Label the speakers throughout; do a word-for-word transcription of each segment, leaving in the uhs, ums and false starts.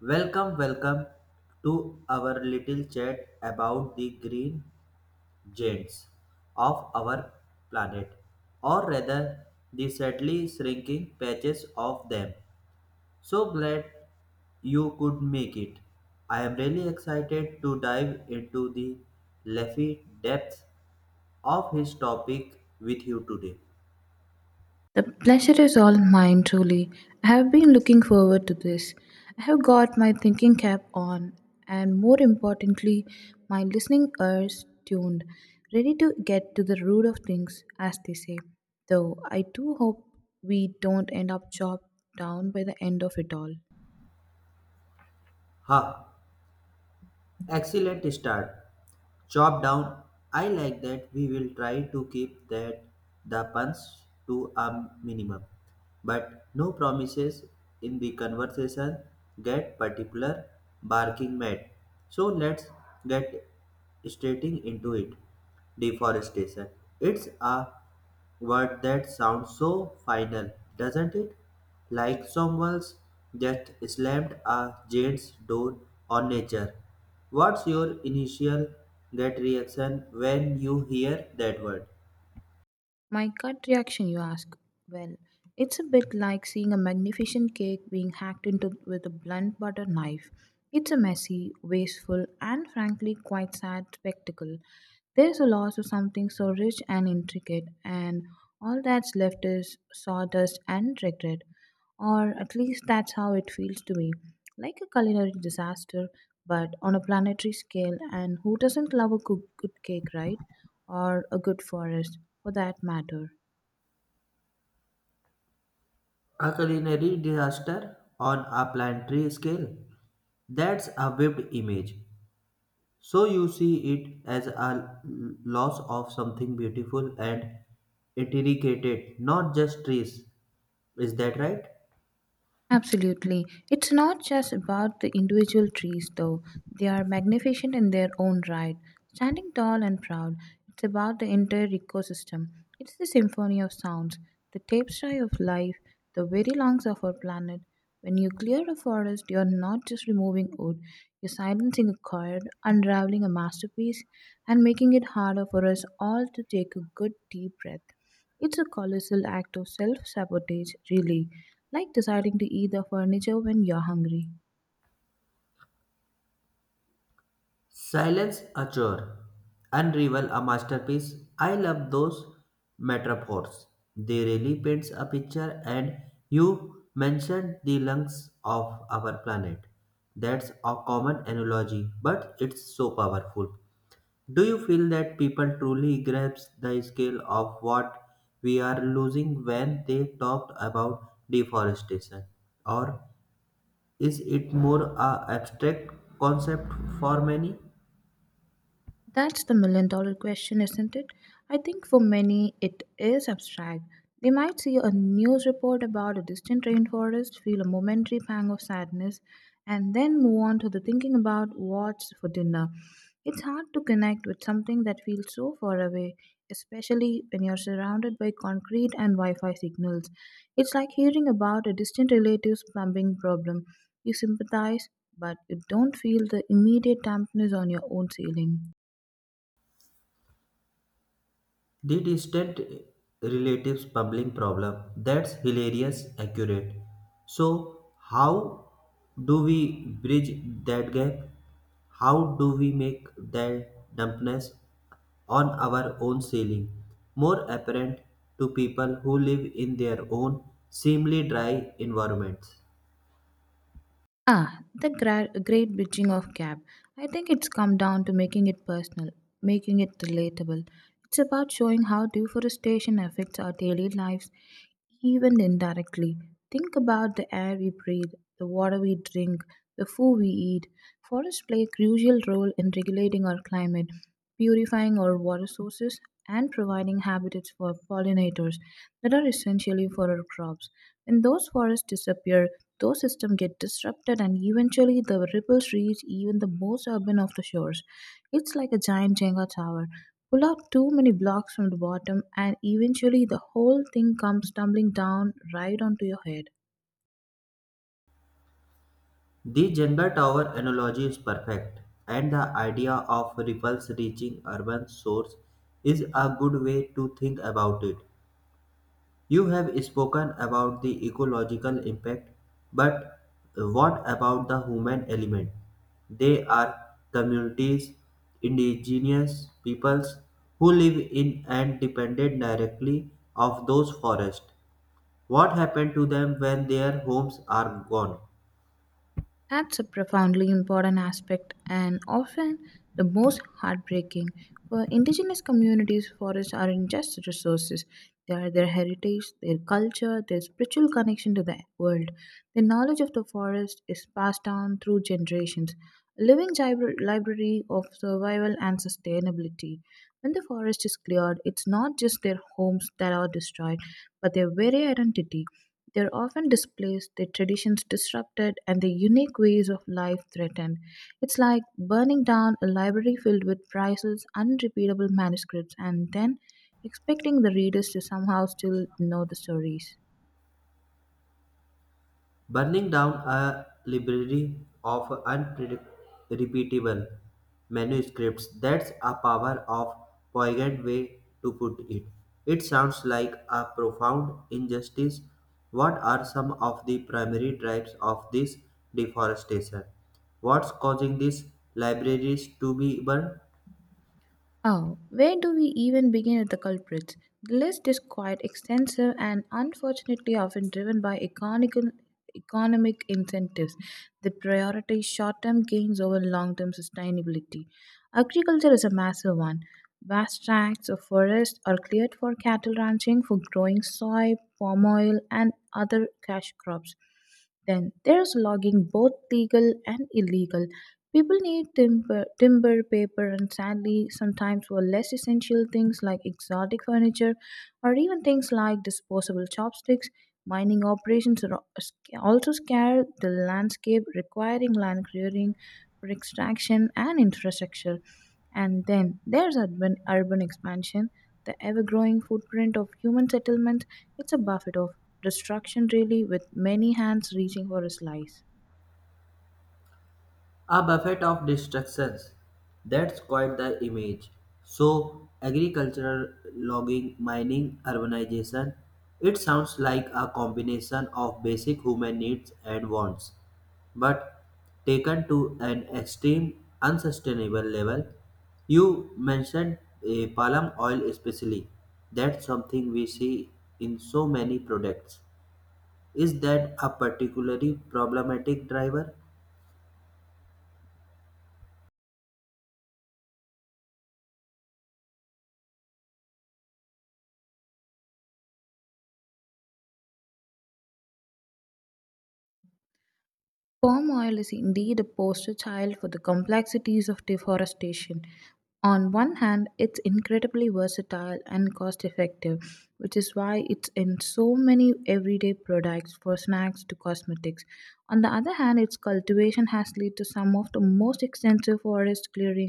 Speaker 1: Welcome, welcome to our little chat about the green giants of our planet, or rather, the sadly shrinking patches of them. So glad you could make it. I am really excited to dive into the leafy depths of his topic with you today.
Speaker 2: The pleasure is all mine, truly. I have been looking forward to this. I have got my thinking cap on, and more importantly, my listening ears tuned, ready to get to the root of things, as they say. Though I do hope we don't end up chopped down by the end of it all.
Speaker 1: Ha! Excellent start. Chop down. I like that. We will try to keep that the puns to a minimum. But no promises in the conversation get particular barking mad. So let's get straight into it. Deforestation. It's a word that sounds so final, doesn't it? Like someone's just slammed a giant's door on nature. What's your initial gut reaction when you hear that word?
Speaker 2: My gut reaction, you ask? Well, it's a bit like seeing a magnificent cake being hacked into with a blunt butter knife. It's a messy, wasteful, and frankly quite sad spectacle. There's a loss of something so rich and intricate, and all that's left is sawdust and regret. Or at least that's how it feels to me. Like a culinary disaster, but on a planetary scale, and who doesn't love a good, good cake, right? Or a good forest for that matter.
Speaker 1: A culinary disaster on a planetary scale. That's a vivid image. So you see it as a l- loss of something beautiful and intricate, not just trees. Is that right?
Speaker 2: Absolutely. It's not just about the individual trees, though. They are magnificent in their own right. Standing tall and proud, it's about the entire ecosystem. It's the symphony of sounds, the tapestry of life, the very lungs of our planet. When you clear a forest, you're not just removing wood, you're silencing a chord, unraveling a masterpiece, and making it harder for us all to take a good deep breath. It's a colossal act of self sabotage, really, like deciding to eat the furniture when you're hungry.
Speaker 1: Silence a chore. Unravel a masterpiece. I love those metaphors. They really paints a picture, and you mentioned the lungs of our planet. That's a common analogy, but it's so powerful. Do you feel that people truly grasp the scale of what we are losing when they talked about deforestation? Or is it more a abstract concept for many?
Speaker 2: That's the million dollar question, isn't it? I think for many it is abstract. They might see a news report about a distant rainforest, feel a momentary pang of sadness, and then move on to the thinking about what's for dinner. It's hard to connect with something that feels so far away, especially when you're surrounded by concrete and Wi Fi signals. It's like hearing about a distant relative's plumbing problem. You sympathize, but you don't feel the immediate dampness on your own ceiling.
Speaker 1: The distant relatives bubbling problem. That's hilarious accurate. So how do we bridge that gap? How do we make that dumpness on our own ceiling more apparent to people who live in their own seemingly dry environments?
Speaker 2: Ah, the gra- great bitching of cab. I think it's come down to making it personal, making it relatable. It's about showing how deforestation affects our daily lives, even indirectly. Think about the air we breathe, the water we drink, the food we eat. Forests play a crucial role in regulating our climate, purifying our water sources, and providing habitats for pollinators that are essentially for our crops. When those forests disappear, those systems get disrupted and eventually the ripples reach even the most urban of the shores. It's like a giant Jenga tower. Pull out too many blocks from the bottom and eventually the whole thing comes tumbling down right onto your head.
Speaker 1: The gender tower analogy is perfect, and the idea of ripples reaching urban source is a good way to think about it. You have spoken about the ecological impact, but what about the human element? They are communities, indigenous peoples who live in and depended directly of those forests. What happened to them when their homes are gone?
Speaker 2: That's a profoundly important aspect and often the most heartbreaking. For indigenous communities, forests aren't just resources, they are their heritage, their culture, their spiritual connection to the world. The knowledge of the forest is passed down through generations, a living gibra- library of survival and sustainability. When the forest is cleared, it's not just their homes that are destroyed, but their very identity. They're often displaced, their traditions disrupted, and their unique ways of life threatened. It's like burning down a library filled with priceless, unrepeatable manuscripts and then expecting the readers to somehow still know the stories.
Speaker 1: Burning down a library of unrepeatable manuscripts, that's a power of poignant way to put it. It sounds like a profound injustice. What are some of the primary drivers of this deforestation? What's causing these libraries to be burned?
Speaker 2: Oh, where do we even begin with the culprits? The list is quite extensive and unfortunately often driven by economical, economic incentives that prioritize short term gains over long term sustainability. Agriculture is a massive one. Vast tracts of forest are cleared for cattle ranching, for growing soy, palm oil, and other cash crops. Then there's logging, both legal and illegal. People need timber, timber, paper, and sadly, sometimes for less essential things like exotic furniture or even things like disposable chopsticks. Mining operations are al- also scare the landscape, requiring land clearing for extraction and infrastructure. And then there's urban, urban expansion, the ever growing footprint of human settlement. It's a buffet of destruction, really, with many hands reaching for a slice.
Speaker 1: A buffet of distractions. That's quite the image. So, agricultural logging, mining, urbanization. It sounds like a combination of basic human needs and wants, but taken to an extreme, unsustainable level. You mentioned eh, palm oil, especially. That's something we see in so many products. Is that a particularly problematic driver?
Speaker 2: Palm oil is indeed a poster child for the complexities of deforestation. On one hand, it's incredibly versatile and cost effective, which is why it's in so many everyday products from snacks to cosmetics. On the other hand, its cultivation has led to some of the most extensive forest clearing,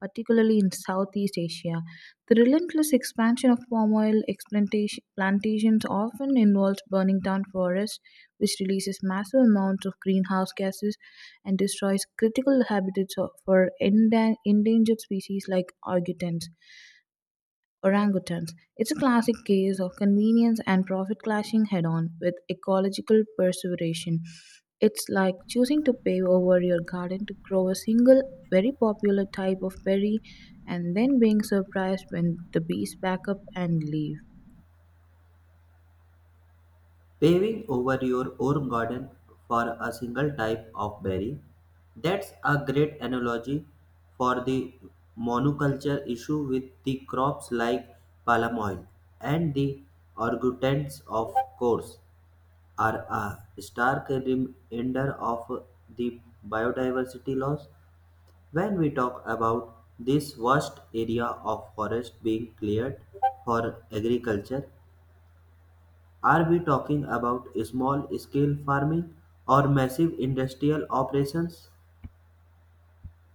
Speaker 2: particularly in Southeast Asia. The relentless expansion of palm oil explantation- plantations often involves burning down forests, which releases massive amounts of greenhouse gases and destroys critical habitats of- for endang- endangered species like orangutans. orangutans. It's a classic case of convenience and profit clashing head on with ecological perseveration. It's like choosing to pave over your garden to grow a single very popular type of berry and then being surprised when the bees back up and leave.
Speaker 1: Paving over your own garden for a single type of berry. That's a great analogy for the monoculture issue with the crops like palm oil. And the orangutans, of course, are a stark reminder of the biodiversity loss. When we talk about this vast area of forest being cleared for agriculture, are we talking about small scale farming or massive industrial operations?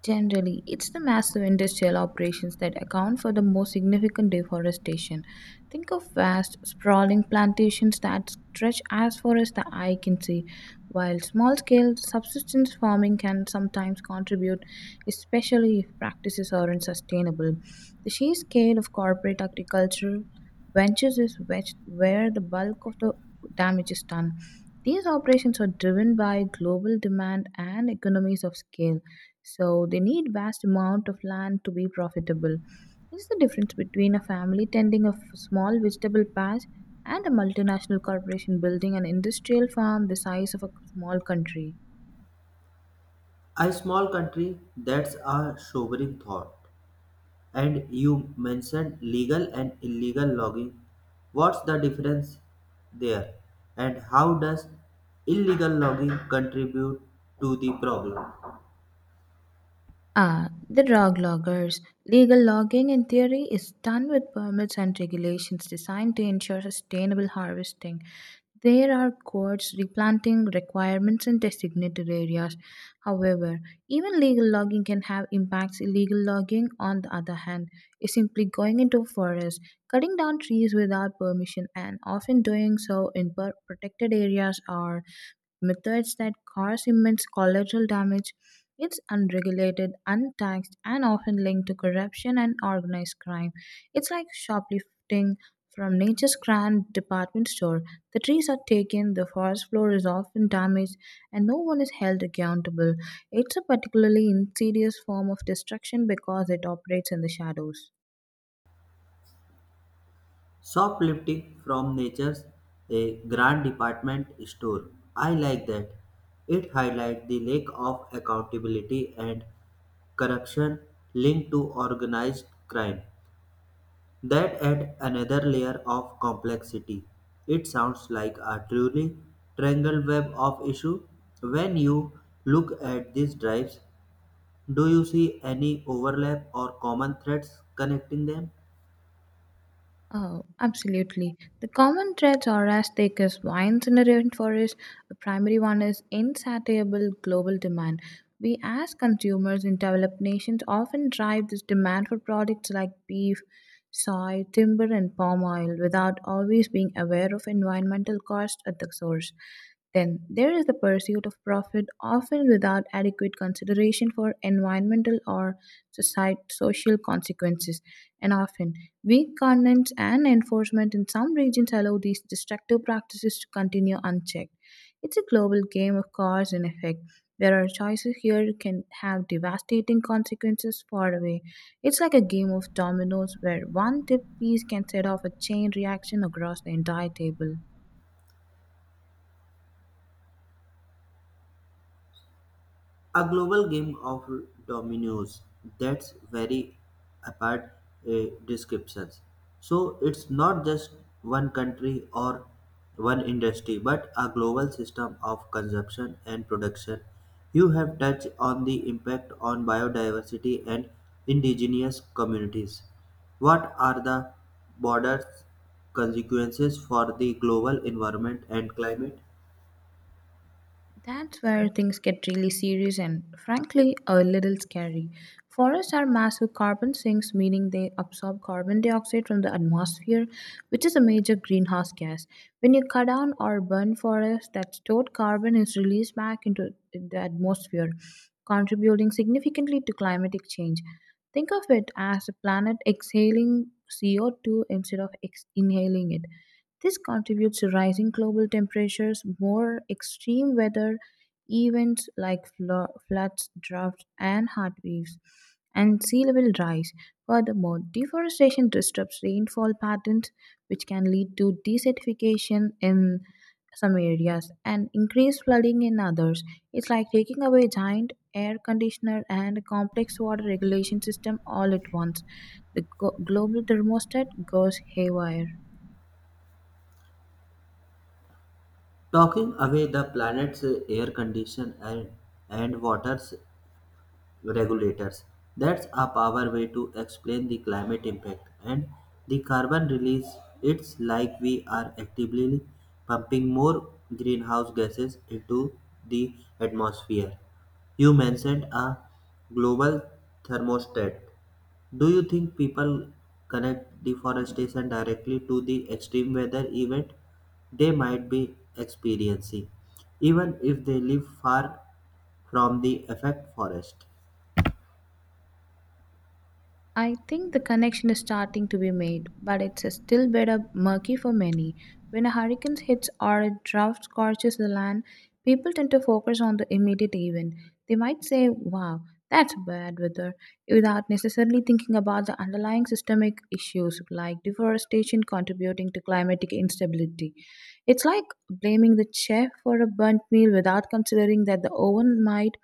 Speaker 2: Generally, it's the massive industrial operations that account for the most significant deforestation. Think of vast, sprawling plantations that stretch as far as the eye can see, while small scale subsistence farming can sometimes contribute, especially if practices aren't sustainable. The sheer scale of corporate agricultural ventures is wet- where the bulk of the damage is done. These operations are driven by global demand and economies of scale, so they need vast amount of land to be profitable. This is the difference between a family tending a f- small vegetable patch and a multinational corporation building an industrial farm the size of a small country.
Speaker 1: A small country, that's a sobering thought. And you mentioned legal and illegal logging. What's the difference there? And how does illegal logging contribute to the problem?
Speaker 2: Ah, the drug loggers. Legal logging, in theory, is done with permits and regulations designed to ensure sustainable harvesting. There are codes, replanting requirements in designated areas. However, even legal logging can have impacts. Illegal logging, on the other hand, is simply going into forests, cutting down trees without permission, and often doing so in per- protected areas or methods that cause immense collateral damage. It's unregulated, untaxed, and often linked to corruption and organized crime. It's like shoplifting from nature's grand department store. The trees are taken, the forest floor is often damaged, and no one is held accountable. It's a particularly insidious form of destruction because it operates in the shadows.
Speaker 1: Shoplifting from nature's a grand department store. I like that. It highlights the lack of accountability and corruption linked to organized crime. That add another layer of complexity. It sounds like a truly tangled web of issues. When you look at these drives, do you see any overlap or common threads connecting them?
Speaker 2: Oh, absolutely. The common threats are as thick as vines in a rainforest. The primary one is insatiable global demand. We, as consumers in developed nations, often drive this demand for products like beef, soy, timber, and palm oil without always being aware of environmental costs at the source. Then there is the pursuit of profit, often without adequate consideration for environmental or society, social consequences, and often weak governance and enforcement in some regions allow these destructive practices to continue unchecked. It's a global game of cause and effect, where our choices here can have devastating consequences far away. It's like a game of dominoes where one tip piece can set off a chain reaction across the entire table.
Speaker 1: A global game of dominoes. That's very apart uh, descriptions. So it's not just one country or one industry, but a global system of consumption and production. You have touched on the impact on biodiversity and indigenous communities. What are the broader consequences for the global environment and climate?
Speaker 2: That's where things get really serious and, frankly, a little scary. Forests are massive carbon sinks, meaning they absorb carbon dioxide from the atmosphere, which is a major greenhouse gas. When you cut down or burn forests, that stored carbon is released back into the atmosphere, contributing significantly to climatic change. Think of it as the planet exhaling C O two instead of ex- inhaling it. This contributes to rising global temperatures, more extreme weather events like flo- floods, droughts, and heat waves, and sea level rise. Furthermore, deforestation disrupts rainfall patterns, which can lead to desertification in some areas and increased flooding in others. It's like taking away a giant air conditioner and a complex water regulation system all at once. The go- global thermostat goes haywire.
Speaker 1: Talking away the planet's air condition and, and waters regulators. That's a power way to explain the climate impact and the carbon release. It's like we are actively pumping more greenhouse gases into the atmosphere. You mentioned a global thermostat. Do you think people connect deforestation directly to the extreme weather event they might be experiencing, even if they live far from the affected forest?
Speaker 2: I think the connection is starting to be made, but it's still better murky for many. When a hurricane hits or a drought scorches the land, people tend to focus on the immediate event. They might say, wow, that's bad weather, without necessarily thinking about the underlying systemic issues like deforestation contributing to climatic instability. It's like blaming the chef for a burnt meal without considering that the oven might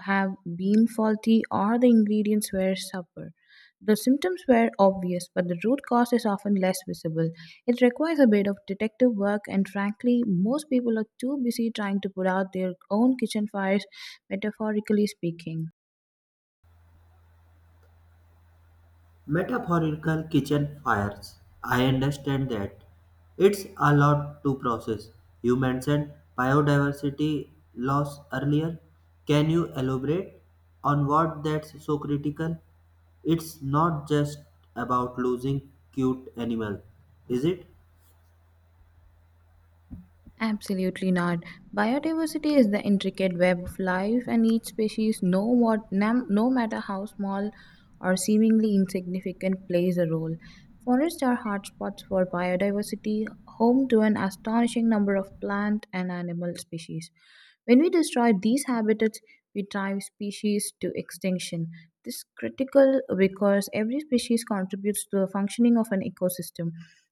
Speaker 2: have been faulty or the ingredients were subpar. The symptoms were obvious, but the root cause is often less visible. It requires a bit of detective work, and frankly, most people are too busy trying to put out their own kitchen fires, metaphorically speaking.
Speaker 1: Metaphorical kitchen fires. I understand that. It's a lot to process. You mentioned biodiversity loss earlier. Can you elaborate on what that's so critical? It's not just about losing cute animal, is it?
Speaker 2: Absolutely not. Biodiversity is the intricate web of life, and each species, no, what, nam, no matter how small or seemingly insignificant, plays a role. Forests are hotspots for biodiversity, home to an astonishing number of plant and animal species. When we destroy these habitats, we drive species to extinction. This is critical because every species contributes to the functioning of an ecosystem.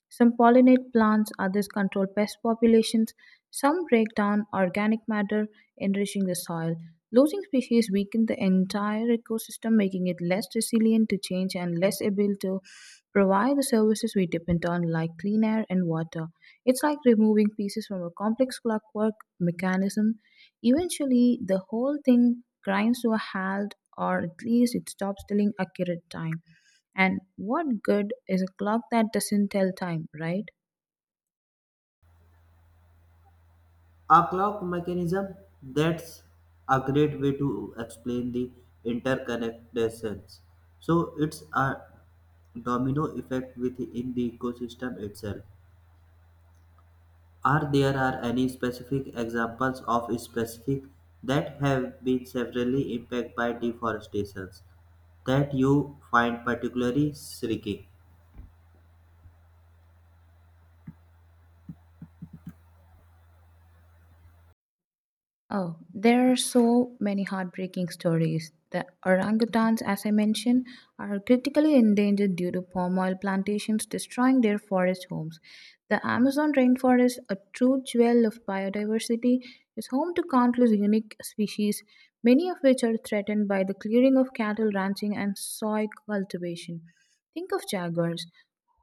Speaker 2: Some pollinate plants, others control pest populations, some break down organic matter, enriching the soil. Losing species weaken the entire ecosystem, making it less resilient to change and less able to provide the services we depend on, like clean air and water. It's like removing pieces from a complex clockwork mechanism. Eventually, the whole thing grinds to a halt, or at least it stops telling accurate time. And what good is a clock that doesn't tell time, right?
Speaker 1: A clock mechanism? That's a great way to explain the interconnectedness. So it's a domino effect within the ecosystem itself. Are there are any specific examples of specific that have been severely impacted by deforestation that you find particularly striking?
Speaker 2: Oh, there are so many heartbreaking stories. The orangutans, as I mentioned, are critically endangered due to palm oil plantations destroying their forest homes. The Amazon rainforest, a true jewel of biodiversity, is home to countless unique species, many of which are threatened by the clearing of cattle ranching and soy cultivation. Think of jaguars,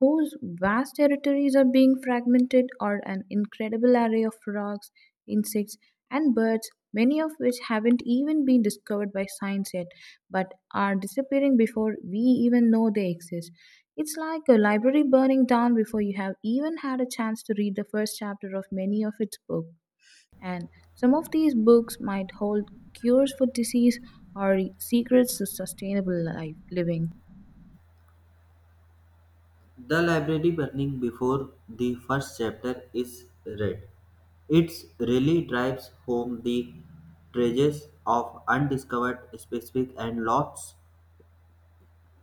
Speaker 2: whose vast territories are being fragmented, or an incredible array of frogs, insects, and birds, many of which haven't even been discovered by science yet, but are disappearing before we even know they exist. It's like a library burning down before you have even had a chance to read the first chapter of many of its books. And some of these books might hold cures for disease or secrets to sustainable life living.
Speaker 1: The library burning before the first chapter is read. It really drives home the treasures of undiscovered specific and lots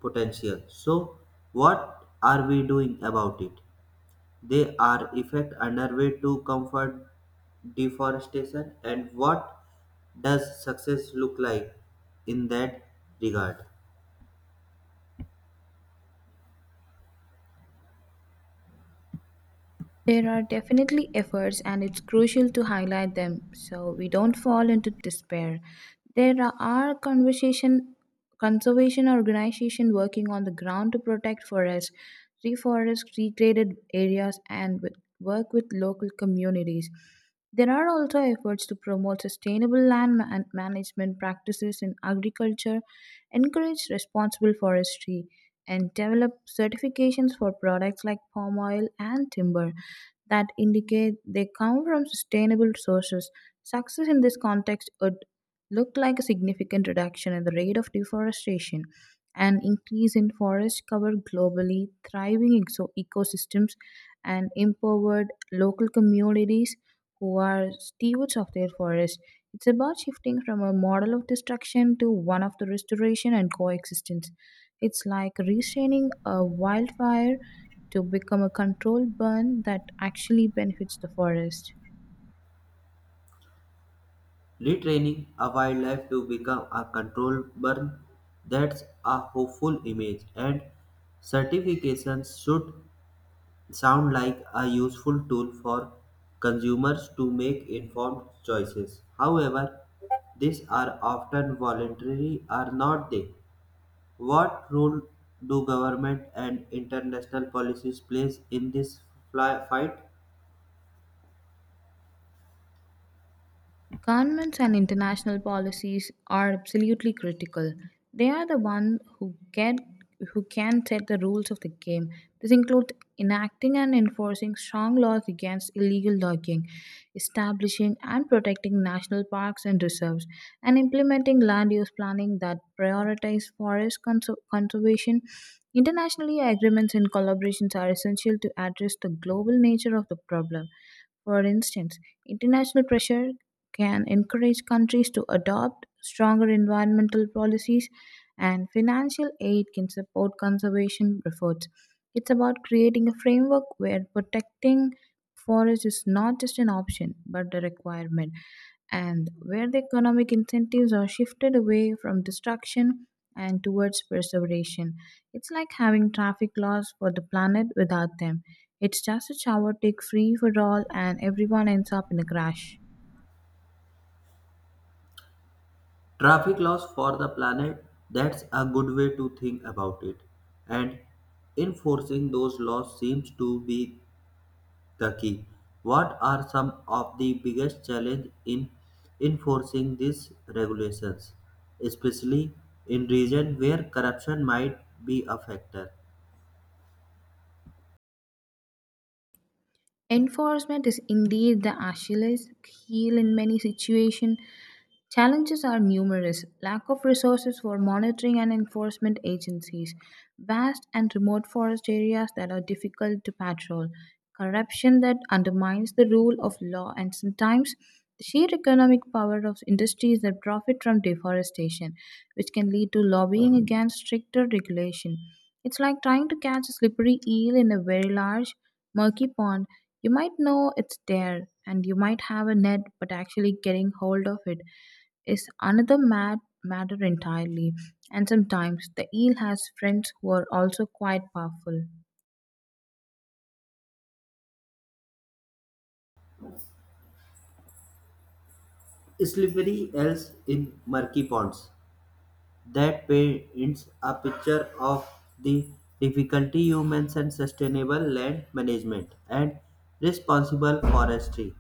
Speaker 1: potential. So what are we doing about it? They are effect underway to comfort deforestation, and what does success look like in that regard?
Speaker 2: There are definitely efforts, and it's crucial to highlight them so we don't fall into despair. There are conversation, conservation organizations working on the ground to protect forests, reforest recreated areas, and with, work with local communities. There are also efforts to promote sustainable land ma- management practices in agriculture, encourage responsible forestry, and develop certifications for products like palm oil and timber that indicate they come from sustainable sources. Success in this context would look like a significant reduction in the rate of deforestation, an increase in forest cover globally, thriving exo- ecosystems, and empowered local communities who are stewards of their forests. It's about shifting from a model of destruction to one of the restoration and coexistence. It's like restraining a wildfire to become a control burn that actually benefits the forest.
Speaker 1: Retraining a wildlife to become a control burn, that's a hopeful image. And certifications should sound like a useful tool for consumers to make informed choices. However, these are often voluntary are not they? What role do government and international policies plays in this fly- fight?
Speaker 2: Governments and international policies are absolutely critical. They are the ones who get who can set the rules of the game. This includes enacting and enforcing strong laws against illegal logging, establishing and protecting national parks and reserves, and implementing land use planning that prioritize forest conser- conservation. Internationally, agreements and collaborations are essential to address the global nature of the problem. For instance, international pressure can encourage countries to adopt stronger environmental policies, and financial aid can support conservation efforts. It's about creating a framework where protecting forests is not just an option but a requirement, and where the economic incentives are shifted away from destruction and towards preservation. It's like having traffic laws for the planet without them. It's just a shower take free for all, and everyone ends up in a crash.
Speaker 1: Traffic laws for the planet, that's a good way to think about it. And enforcing those laws seems to be the key. What are some of the biggest challenges in enforcing these regulations, especially in regions where corruption might be a factor?
Speaker 2: Enforcement is indeed the Achilles heel in many situations. Challenges are numerous: lack of resources for monitoring and enforcement agencies, vast and remote forest areas that are difficult to patrol, corruption that undermines the rule of law, and sometimes the sheer economic power of industries that profit from deforestation, which can lead to lobbying against stricter regulation. It's like trying to catch a slippery eel in a very large, murky pond. You might know it's there and you might have a net, but actually getting hold of it is another mad matter entirely. And sometimes the eel has friends who are also quite powerful.
Speaker 1: Slippery else in murky ponds. That paints a picture of the difficulty humans and sustainable land management and responsible forestry.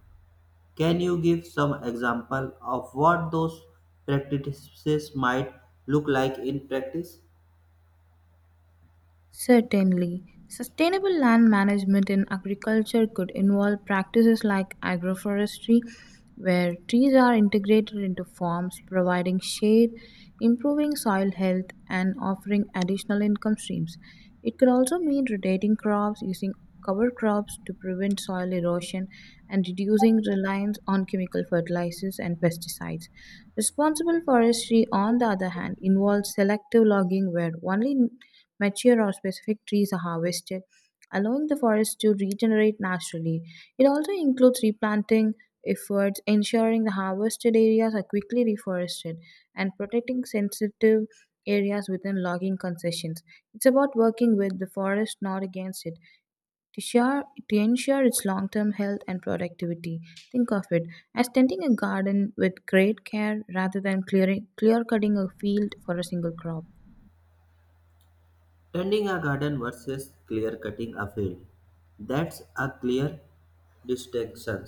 Speaker 1: Can you give some example of what those practices might look like in practice?
Speaker 2: Certainly. Sustainable land management in agriculture could involve practices like agroforestry, where trees are integrated into farms, providing shade, improving soil health, and offering additional income streams. It could also mean rotating crops, using cover crops to prevent soil erosion, and reducing reliance on chemical fertilizers and pesticides. Responsible forestry, on the other hand, involves selective logging where only mature or specific trees are harvested, allowing the forest to regenerate naturally. It also includes replanting efforts, ensuring the harvested areas are quickly reforested, and protecting sensitive areas within logging concessions. It's about working with the forest, not against it, to, share, to ensure its long term health and productivity. Think of it as tending a garden with great care rather than clearing, clear cutting a field for a single crop.
Speaker 1: Tending a garden versus clear cutting a field. That's a clear distinction.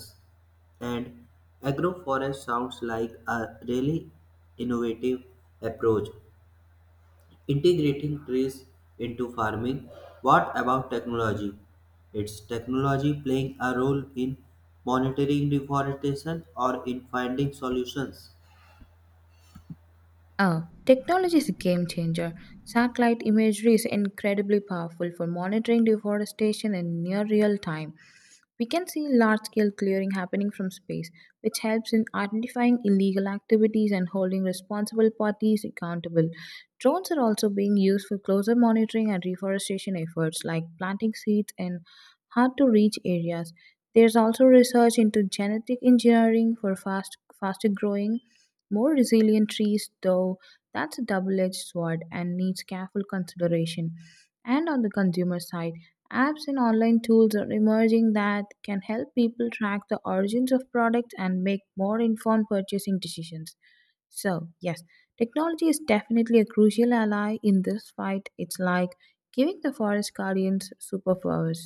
Speaker 1: And agroforest sounds like a really innovative approach. Integrating trees into farming. What about technology? Is technology playing a role in monitoring deforestation or in finding solutions?
Speaker 2: Ah, technology is a game changer. Satellite imagery is incredibly powerful for monitoring deforestation in near real time. We can see large scale clearing happening from space, which helps in identifying illegal activities and holding responsible parties accountable. Drones are also being used for closer monitoring and reforestation efforts, like planting seeds in hard to reach areas. There's also research into genetic engineering for fast, faster growing more resilient trees, though that's a double edged sword and needs careful consideration. And on the consumer side, apps and online tools are emerging that can help people track the origins of products and make more informed purchasing decisions. So, yes, technology is definitely a crucial ally in this fight. It's like giving the forest guardians superpowers.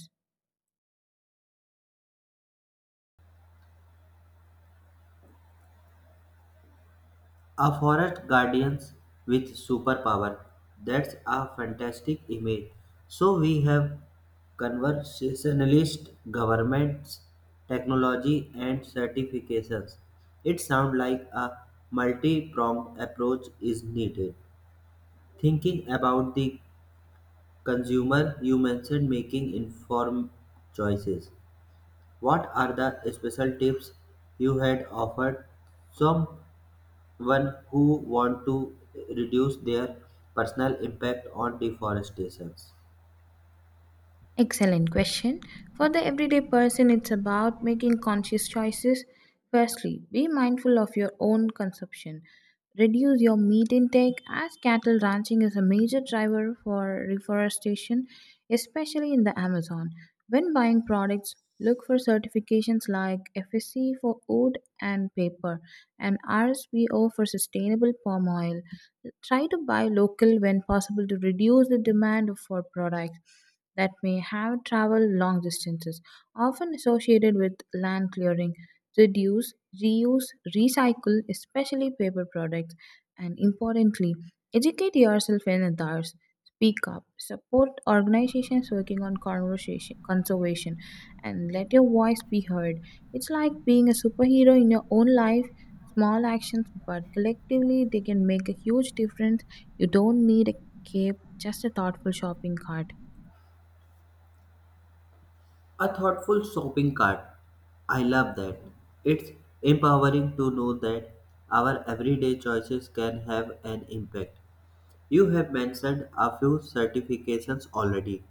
Speaker 1: A forest guardian with superpower. That's a fantastic image. So we have conversationalist governments, technology, and certifications. It sounds like a multi pronged approach is needed. Thinking about the consumer, you mentioned making informed choices. What are the special tips you had offered someone who want to reduce their personal impact on deforestation?
Speaker 2: Excellent question. For the everyday person, it's about making conscious choices. Firstly, be mindful of your own consumption. Reduce your meat intake as cattle ranching is a major driver for reforestation, especially in the Amazon. When buying products, look for certifications like F S C for wood and paper and R S P O for sustainable palm oil. Try to buy local when possible to reduce the demand for products that may have traveled long distances, often associated with land clearing. Reduce, reuse, recycle, especially paper products, and importantly, educate yourself and others. Speak up, support organizations working on conversation, conservation, and let your voice be heard. It's like being a superhero in your own life. Small actions, but collectively they can make a huge difference. You don't need a cape, just a thoughtful shopping cart.
Speaker 1: A thoughtful shopping cart. I love that. It's empowering to know that our everyday choices can have an impact. You have mentioned a few certifications already.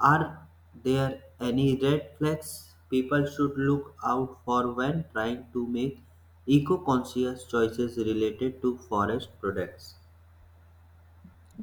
Speaker 1: Are there any red flags people should look out for when trying to make eco conscious choices related to forest products?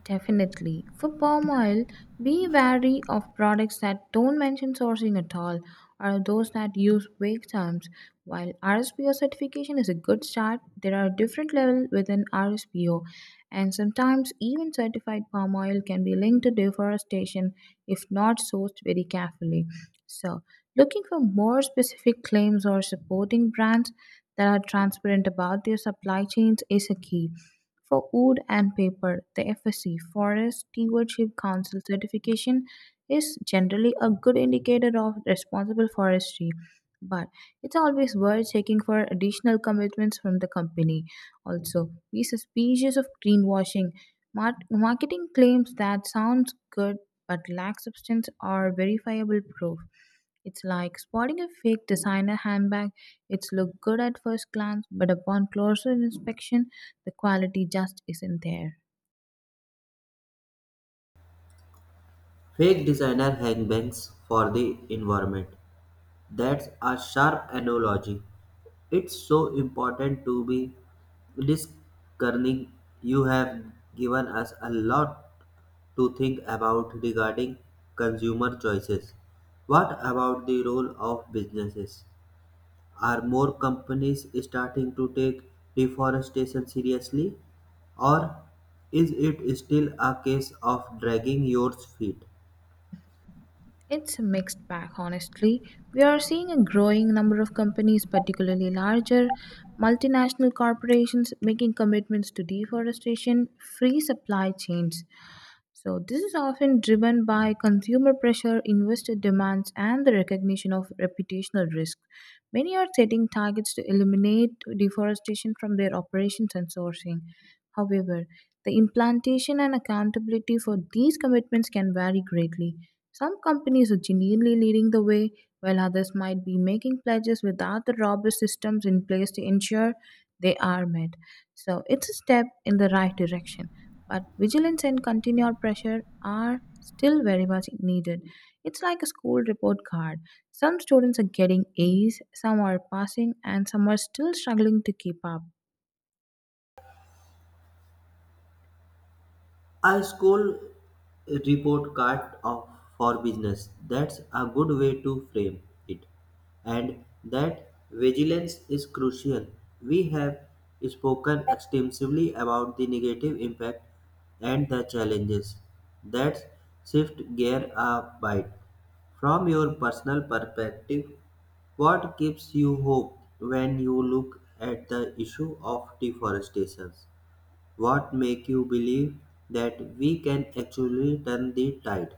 Speaker 2: Definitely. For palm oil, be wary of products that don't mention sourcing at all or those that use vague terms. While R S P O certification is a good start, there are different levels within R S P O, and sometimes even certified palm oil can be linked to deforestation if not sourced very carefully. So, looking for more specific claims or supporting brands that are transparent about their supply chains is a key. For wood and paper, the F S C Forest Stewardship Council certification is generally a good indicator of responsible forestry, but it's always worth checking for additional commitments from the company. Also, be suspicious of greenwashing. Mar- marketing claims that sounds good but lack substance or verifiable proof. It's like spotting a fake designer handbag. It's look good at first glance, but upon closer inspection, the quality just isn't there.
Speaker 1: Fake designer hangbangs for the environment. That's a sharp analogy. It's so important to be discerning. You have given us a lot to think about regarding consumer choices. What about the role of businesses? Are more companies starting to take deforestation seriously, or is it still a case of dragging your feet?
Speaker 2: It's a mixed bag, honestly. We are seeing a growing number of companies, particularly larger multinational corporations, making commitments to deforestation free supply chains. So, this is often driven by consumer pressure, investor demands, and the recognition of reputational risk. Many are setting targets to eliminate deforestation from their operations and sourcing. However, the implantation and accountability for these commitments can vary greatly. Some companies are genuinely leading the way, while others might be making pledges without the robust systems in place to ensure they are met. So, it's a step in the right direction but vigilance and continued pressure are still very much needed. It's like a school report card. Some students are getting A's, some are passing, and some are still struggling to keep up.
Speaker 1: A school report card of, for business. That's a good way to frame it. And that vigilance is crucial. We have spoken extensively about the negative impact and the challenges. That's shift gear a bit. From your personal perspective, what gives you hope when you look at the issue of deforestation? What make you believe that we can actually turn the tide?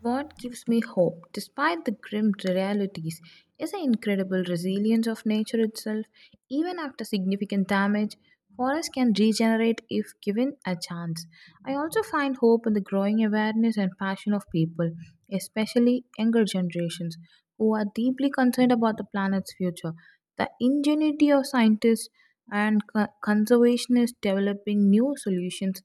Speaker 2: What gives me hope, despite the grim realities, is the incredible resilience of nature itself. Even after significant damage, forests can regenerate if given a chance. I also find hope in the growing awareness and passion of people, especially younger generations, who are deeply concerned about the planet's future. The ingenuity of scientists and co- conservationists developing new solutions,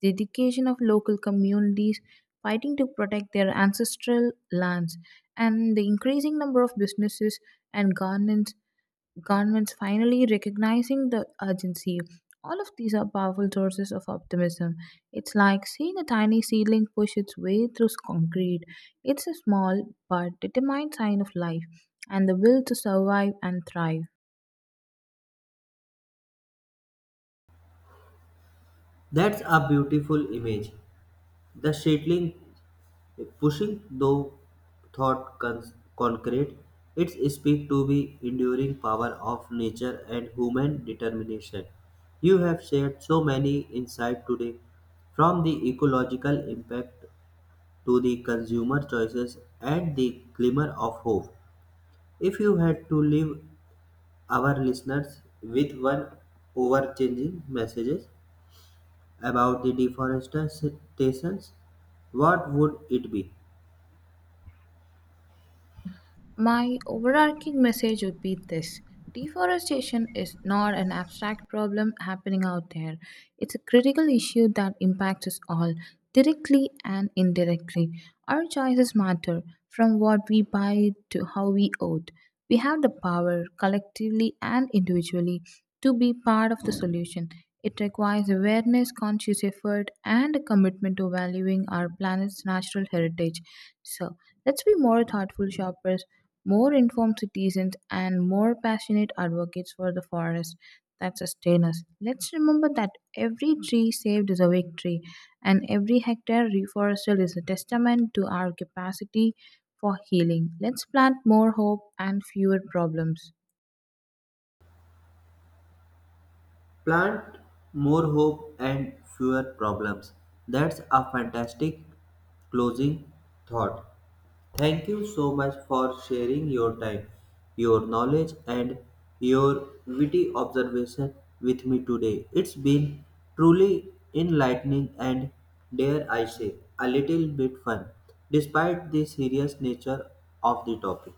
Speaker 2: the dedication of local communities, fighting to protect their ancestral lands. And the increasing number of businesses and governments, governments finally recognizing the urgency. All of these are powerful sources of optimism. It's like seeing a tiny seedling push its way through concrete. It's a small but determined sign of life and the will to survive and thrive.
Speaker 1: That's a beautiful image. The settling, pushing though thought con- concrete, it's speak to the enduring power of nature and human determination. You have shared so many insights today, from the ecological impact to the consumer choices and the glimmer of hope. If you had to live our listeners with one overchanging messages about the deforestation. What would it be?
Speaker 2: My overarching message would be this: deforestation is not an abstract problem happening out there, it's a critical issue that impacts us all, directly and indirectly. Our choices matter, from what we buy to how we vote. We have the power, collectively and individually, to be part of the solution. It requires awareness, conscious effort, and a commitment to valuing our planet's natural heritage. So, let's be more thoughtful shoppers, more informed citizens, and more passionate advocates for the forests that sustain us. Let's remember that every tree saved is a victory, and every hectare reforested is a testament to our capacity for healing. Let's plant more hope and fewer problems.
Speaker 1: Plant more hope and fewer problems. That's a fantastic closing thought. Thank you so much for sharing your time, your knowledge, and your witty observation with me today. It's been truly enlightening and, dare I say, a little bit fun, despite the serious nature of the topic.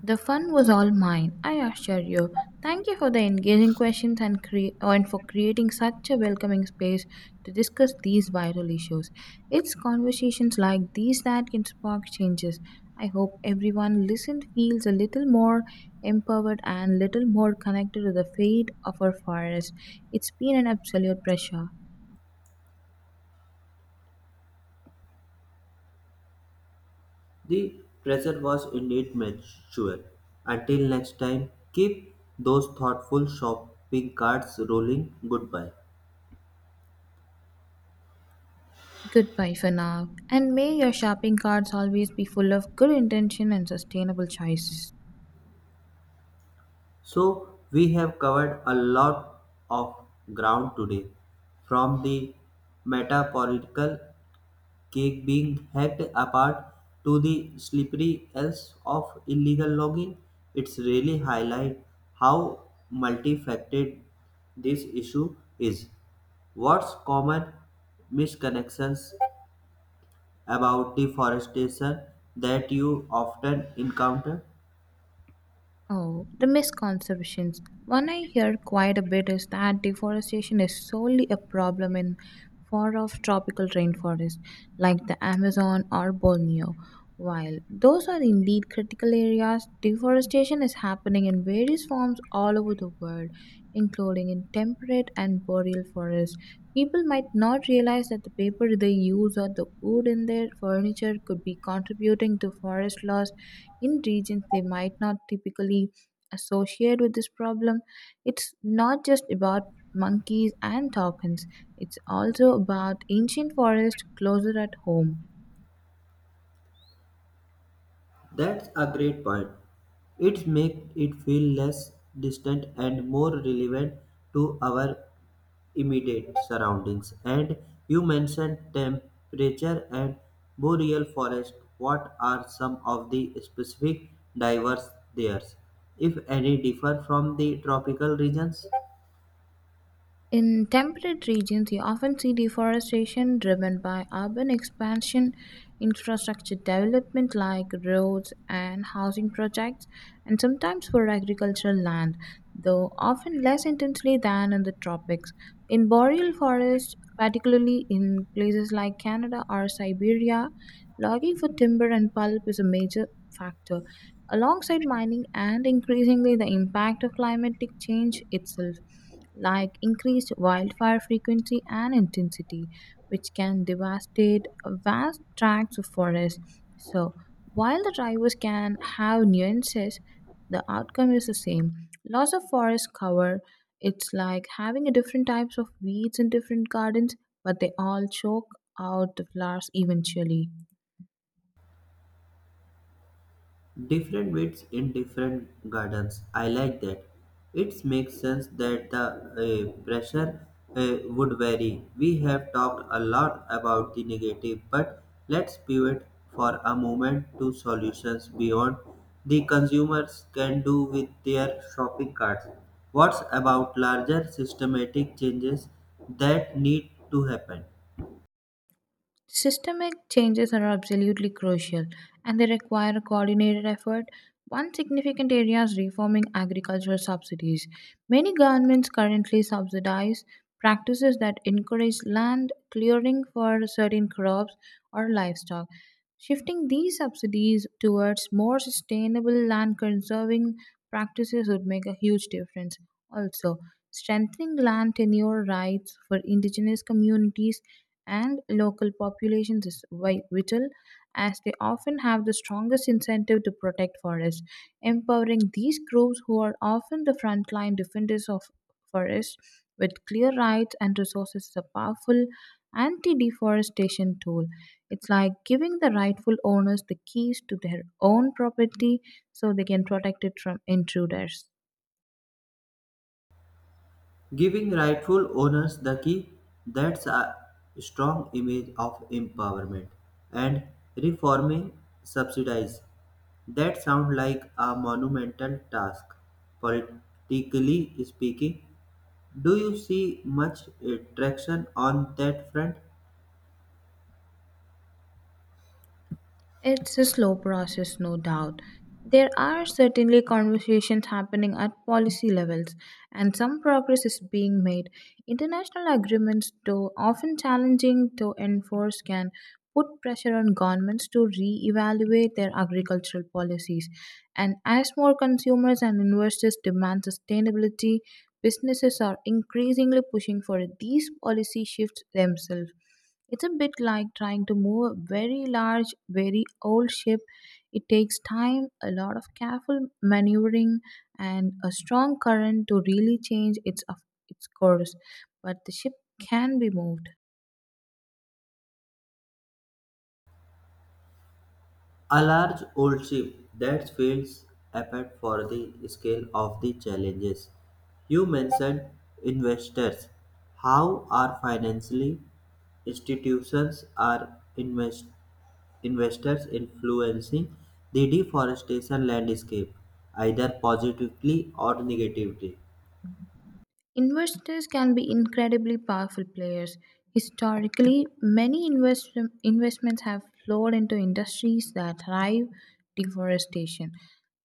Speaker 2: The fun was all mine, I assure you. Thank you for the engaging questions and, cre- and for creating such a welcoming space to discuss these viral issues. It's conversations like these that can spark changes. I hope everyone listened feels a little more empowered and little more connected to the fate of our forest. It's been an absolute pleasure.
Speaker 1: The pressure was indeed mutual. Until next time, keep those thoughtful shopping carts rolling. Goodbye.
Speaker 2: Goodbye for now, and may your shopping carts always be full of good intention and sustainable choices.
Speaker 1: So, we have covered a lot of ground today, from the meta political cake being hacked apart to the slippery else of illegal logging, it's really highlight how multifaceted this issue is. What's common misconnections about deforestation that you often encounter?
Speaker 2: Oh, the misconceptions. One I hear quite a bit is that deforestation is solely a problem in far off tropical rainforests like the Amazon or Borneo. While those are indeed critical areas, deforestation is happening in various forms all over the world, including in temperate and boreal forests. People might not realize that the paper they use or the wood in their furniture could be contributing to forest loss in regions they might not typically associate with this problem. It's not just about monkeys and tokens, it's also about ancient forests closer at home.
Speaker 1: That's a great point. It makes it feel less distant and more relevant to our immediate surroundings. And you mentioned temperature and boreal forest. What are some of the specific diverse there, if any, differ from the tropical regions?
Speaker 2: In temperate regions, you often see deforestation driven by urban expansion, infrastructure development like roads and housing projects, and sometimes for agricultural land, though often less intensely than in the tropics. In boreal forests, particularly in places like Canada or Siberia, logging for timber and pulp is a major factor. Alongside mining and increasingly the impact of climatic change itself like increased wildfire frequency and intensity, which can devastate vast tracts of forest. So, while the drivers can have nuances, the outcome is the same. Loss of forest cover, it's like having a different types of weeds in different gardens, but they all choke out the flowers eventually.
Speaker 1: Different widths in different gardens. I like that. It makes sense that the uh, pressure uh, would vary. We have talked a lot about the negative, but let's pivot for a moment to solutions beyond the consumers can do with their shopping carts. What's about larger systematic changes that need to happen?
Speaker 2: Systemic changes are absolutely crucial and they require a coordinated effort. One significant area is reforming agricultural subsidies. Many governments currently subsidize practices that encourage land clearing for certain crops or livestock. Shifting these subsidies towards more sustainable land conserving practices would make a huge difference. Also, strengthening land tenure rights for indigenous communities and local populations is vi- vital as they often have the strongest incentive to protect forests. Empowering these groups, who are often the frontline defenders of forests, with clear rights and resources, is a powerful anti deforestation tool. It's like giving the rightful owners the keys to their own property so they can protect it from intruders.
Speaker 1: Giving rightful owners the key, that's a strong image of empowerment. And reforming subsidies, that sounds like a monumental task. Politically speaking, do you see much uh, traction on that front?
Speaker 2: It's a slow process, no doubt. There are certainly conversations happening at policy levels, and some progress is being made. International agreements, though often challenging to enforce, can put pressure on governments to re evaluate their agricultural policies. And as more consumers and investors demand sustainability, businesses are increasingly pushing for these policy shifts themselves. It's a bit like trying to move a very large, very old ship. It takes time, a lot of careful maneuvering, and a strong current to really change its, of its course. But the ship can be moved.
Speaker 1: A large old ship that feels apart for the scale of the challenges. You mentioned investors. How are financially institutions are invest, investors influencing the deforestation landscape, either positively or negatively?
Speaker 2: Investors can be incredibly powerful players. Historically, many invest- investments have flowed into industries that thrive deforestation.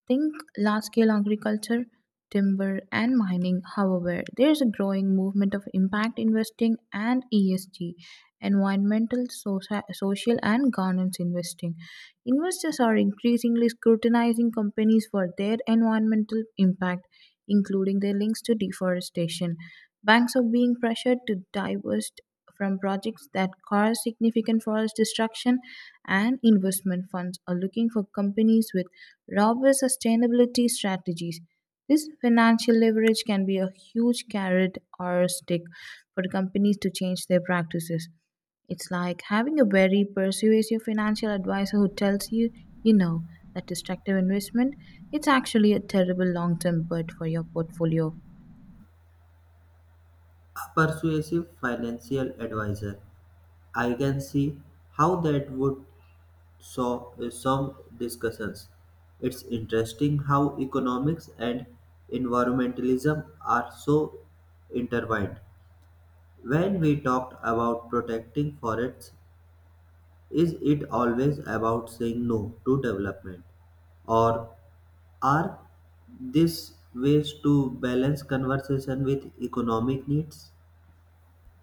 Speaker 2: Think large scale agriculture, timber, and mining. However, there is a growing movement of impact investing and E S G, environmental, soci- social, and governance investing. Investors are increasingly scrutinizing companies for their environmental impact, including their links to deforestation. Banks are being pressured to divest from projects that cause significant forest destruction, and investment funds are looking for companies with robust sustainability strategies. This financial leverage can be a huge carrot or a stick for companies to change their practices. It's like having a very persuasive financial advisor who tells you, you know, that destructive investment, it's actually a terrible long-term bet for your portfolio.
Speaker 1: A persuasive financial advisor. I can see how that would so uh, some discussions. It's interesting how economics and environmentalism are so intertwined. When we talked about protecting forests, is it always about saying no to development? Or are these ways to balance conversation with economic needs?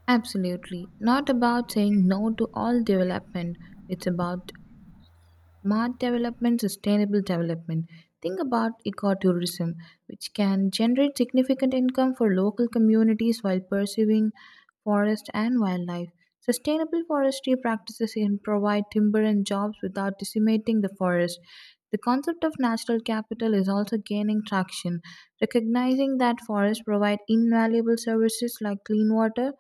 Speaker 2: Absolutely. Not about saying no to all development, it's about smart development, sustainable development. Think about ecotourism, which can generate significant income for local communities while pursuing forest and wildlife. Sustainable forestry practices can provide timber and jobs without decimating the forest. The concept of natural capital is also gaining traction, recognizing that forests provide invaluable services like clean water,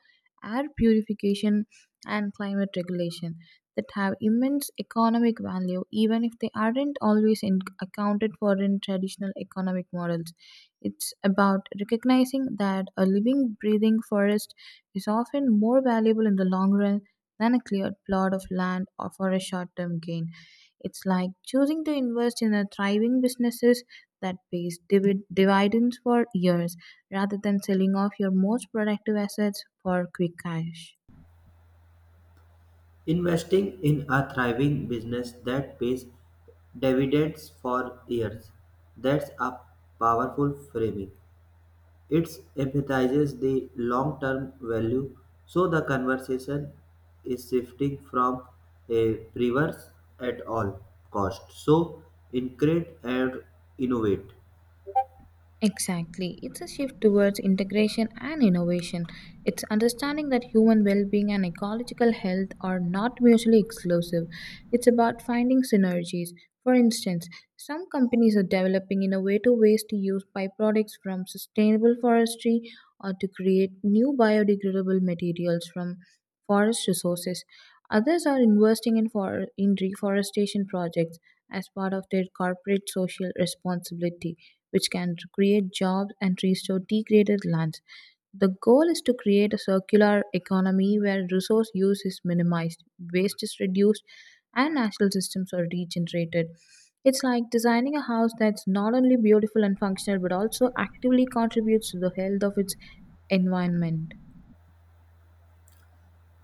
Speaker 2: air purification, and climate regulation that have immense economic value, even if they aren't always in- accounted for in traditional economic models. It's about recognizing that a living, breathing forest is often more valuable in the long run than a cleared plot of land or for a short term gain. It's like choosing to invest in a thriving businesses that pays divid- dividends for years rather than selling off your most productive assets for quick cash.
Speaker 1: Investing in a thriving business that pays dividends for years. That's a powerful framing. It emphasizes the long term value, so the conversation is shifting from a reverse at all cost. So, increase and innovate.
Speaker 2: Exactly. It's a shift towards integration and innovation. It's understanding that human well being and ecological health are not mutually exclusive. It's about finding synergies. For instance, some companies are developing innovative ways to use byproducts from sustainable forestry or to create new biodegradable materials from forest resources. Others are investing in, for- in reforestation projects as part of their corporate social responsibility which can create jobs and restore degraded lands. The goal is to create a circular economy where resource use is minimized, waste is reduced, and natural systems are regenerated. It's like designing a house that's not only beautiful and functional but also actively contributes to the health of its environment.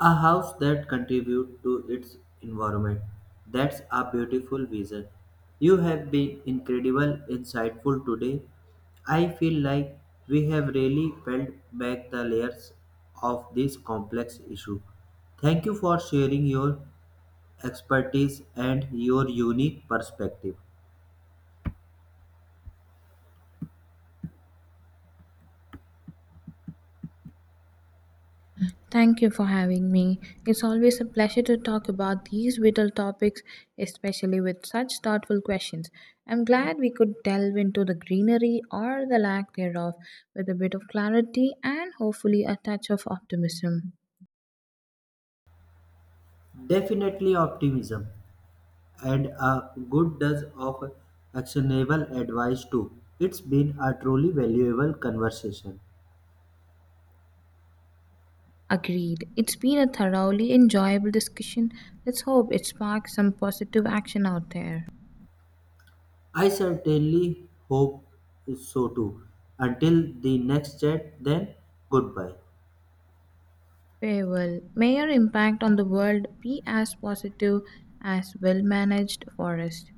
Speaker 1: A house that contributes to its environment. That's a beautiful vision. You have been incredible insightful today. I feel like we have really peeled back the layers of this complex issue. Thank you for sharing your expertise and your unique perspective.
Speaker 2: Thank you for having me. It's always a pleasure to talk about these vital topics, especially with such thoughtful questions. I'm glad we could delve into the greenery or the lack thereof with a bit of clarity and hopefully a touch of optimism.
Speaker 1: Definitely optimism and a good dose of actionable advice too. It's been a truly valuable conversation.
Speaker 2: Agreed. It's been a thoroughly enjoyable discussion. Let's hope it sparks some positive action out there.
Speaker 1: I certainly hope so too. Until the next chat, then goodbye.
Speaker 2: Very well, may your impact on the world be as positive as well managed forest.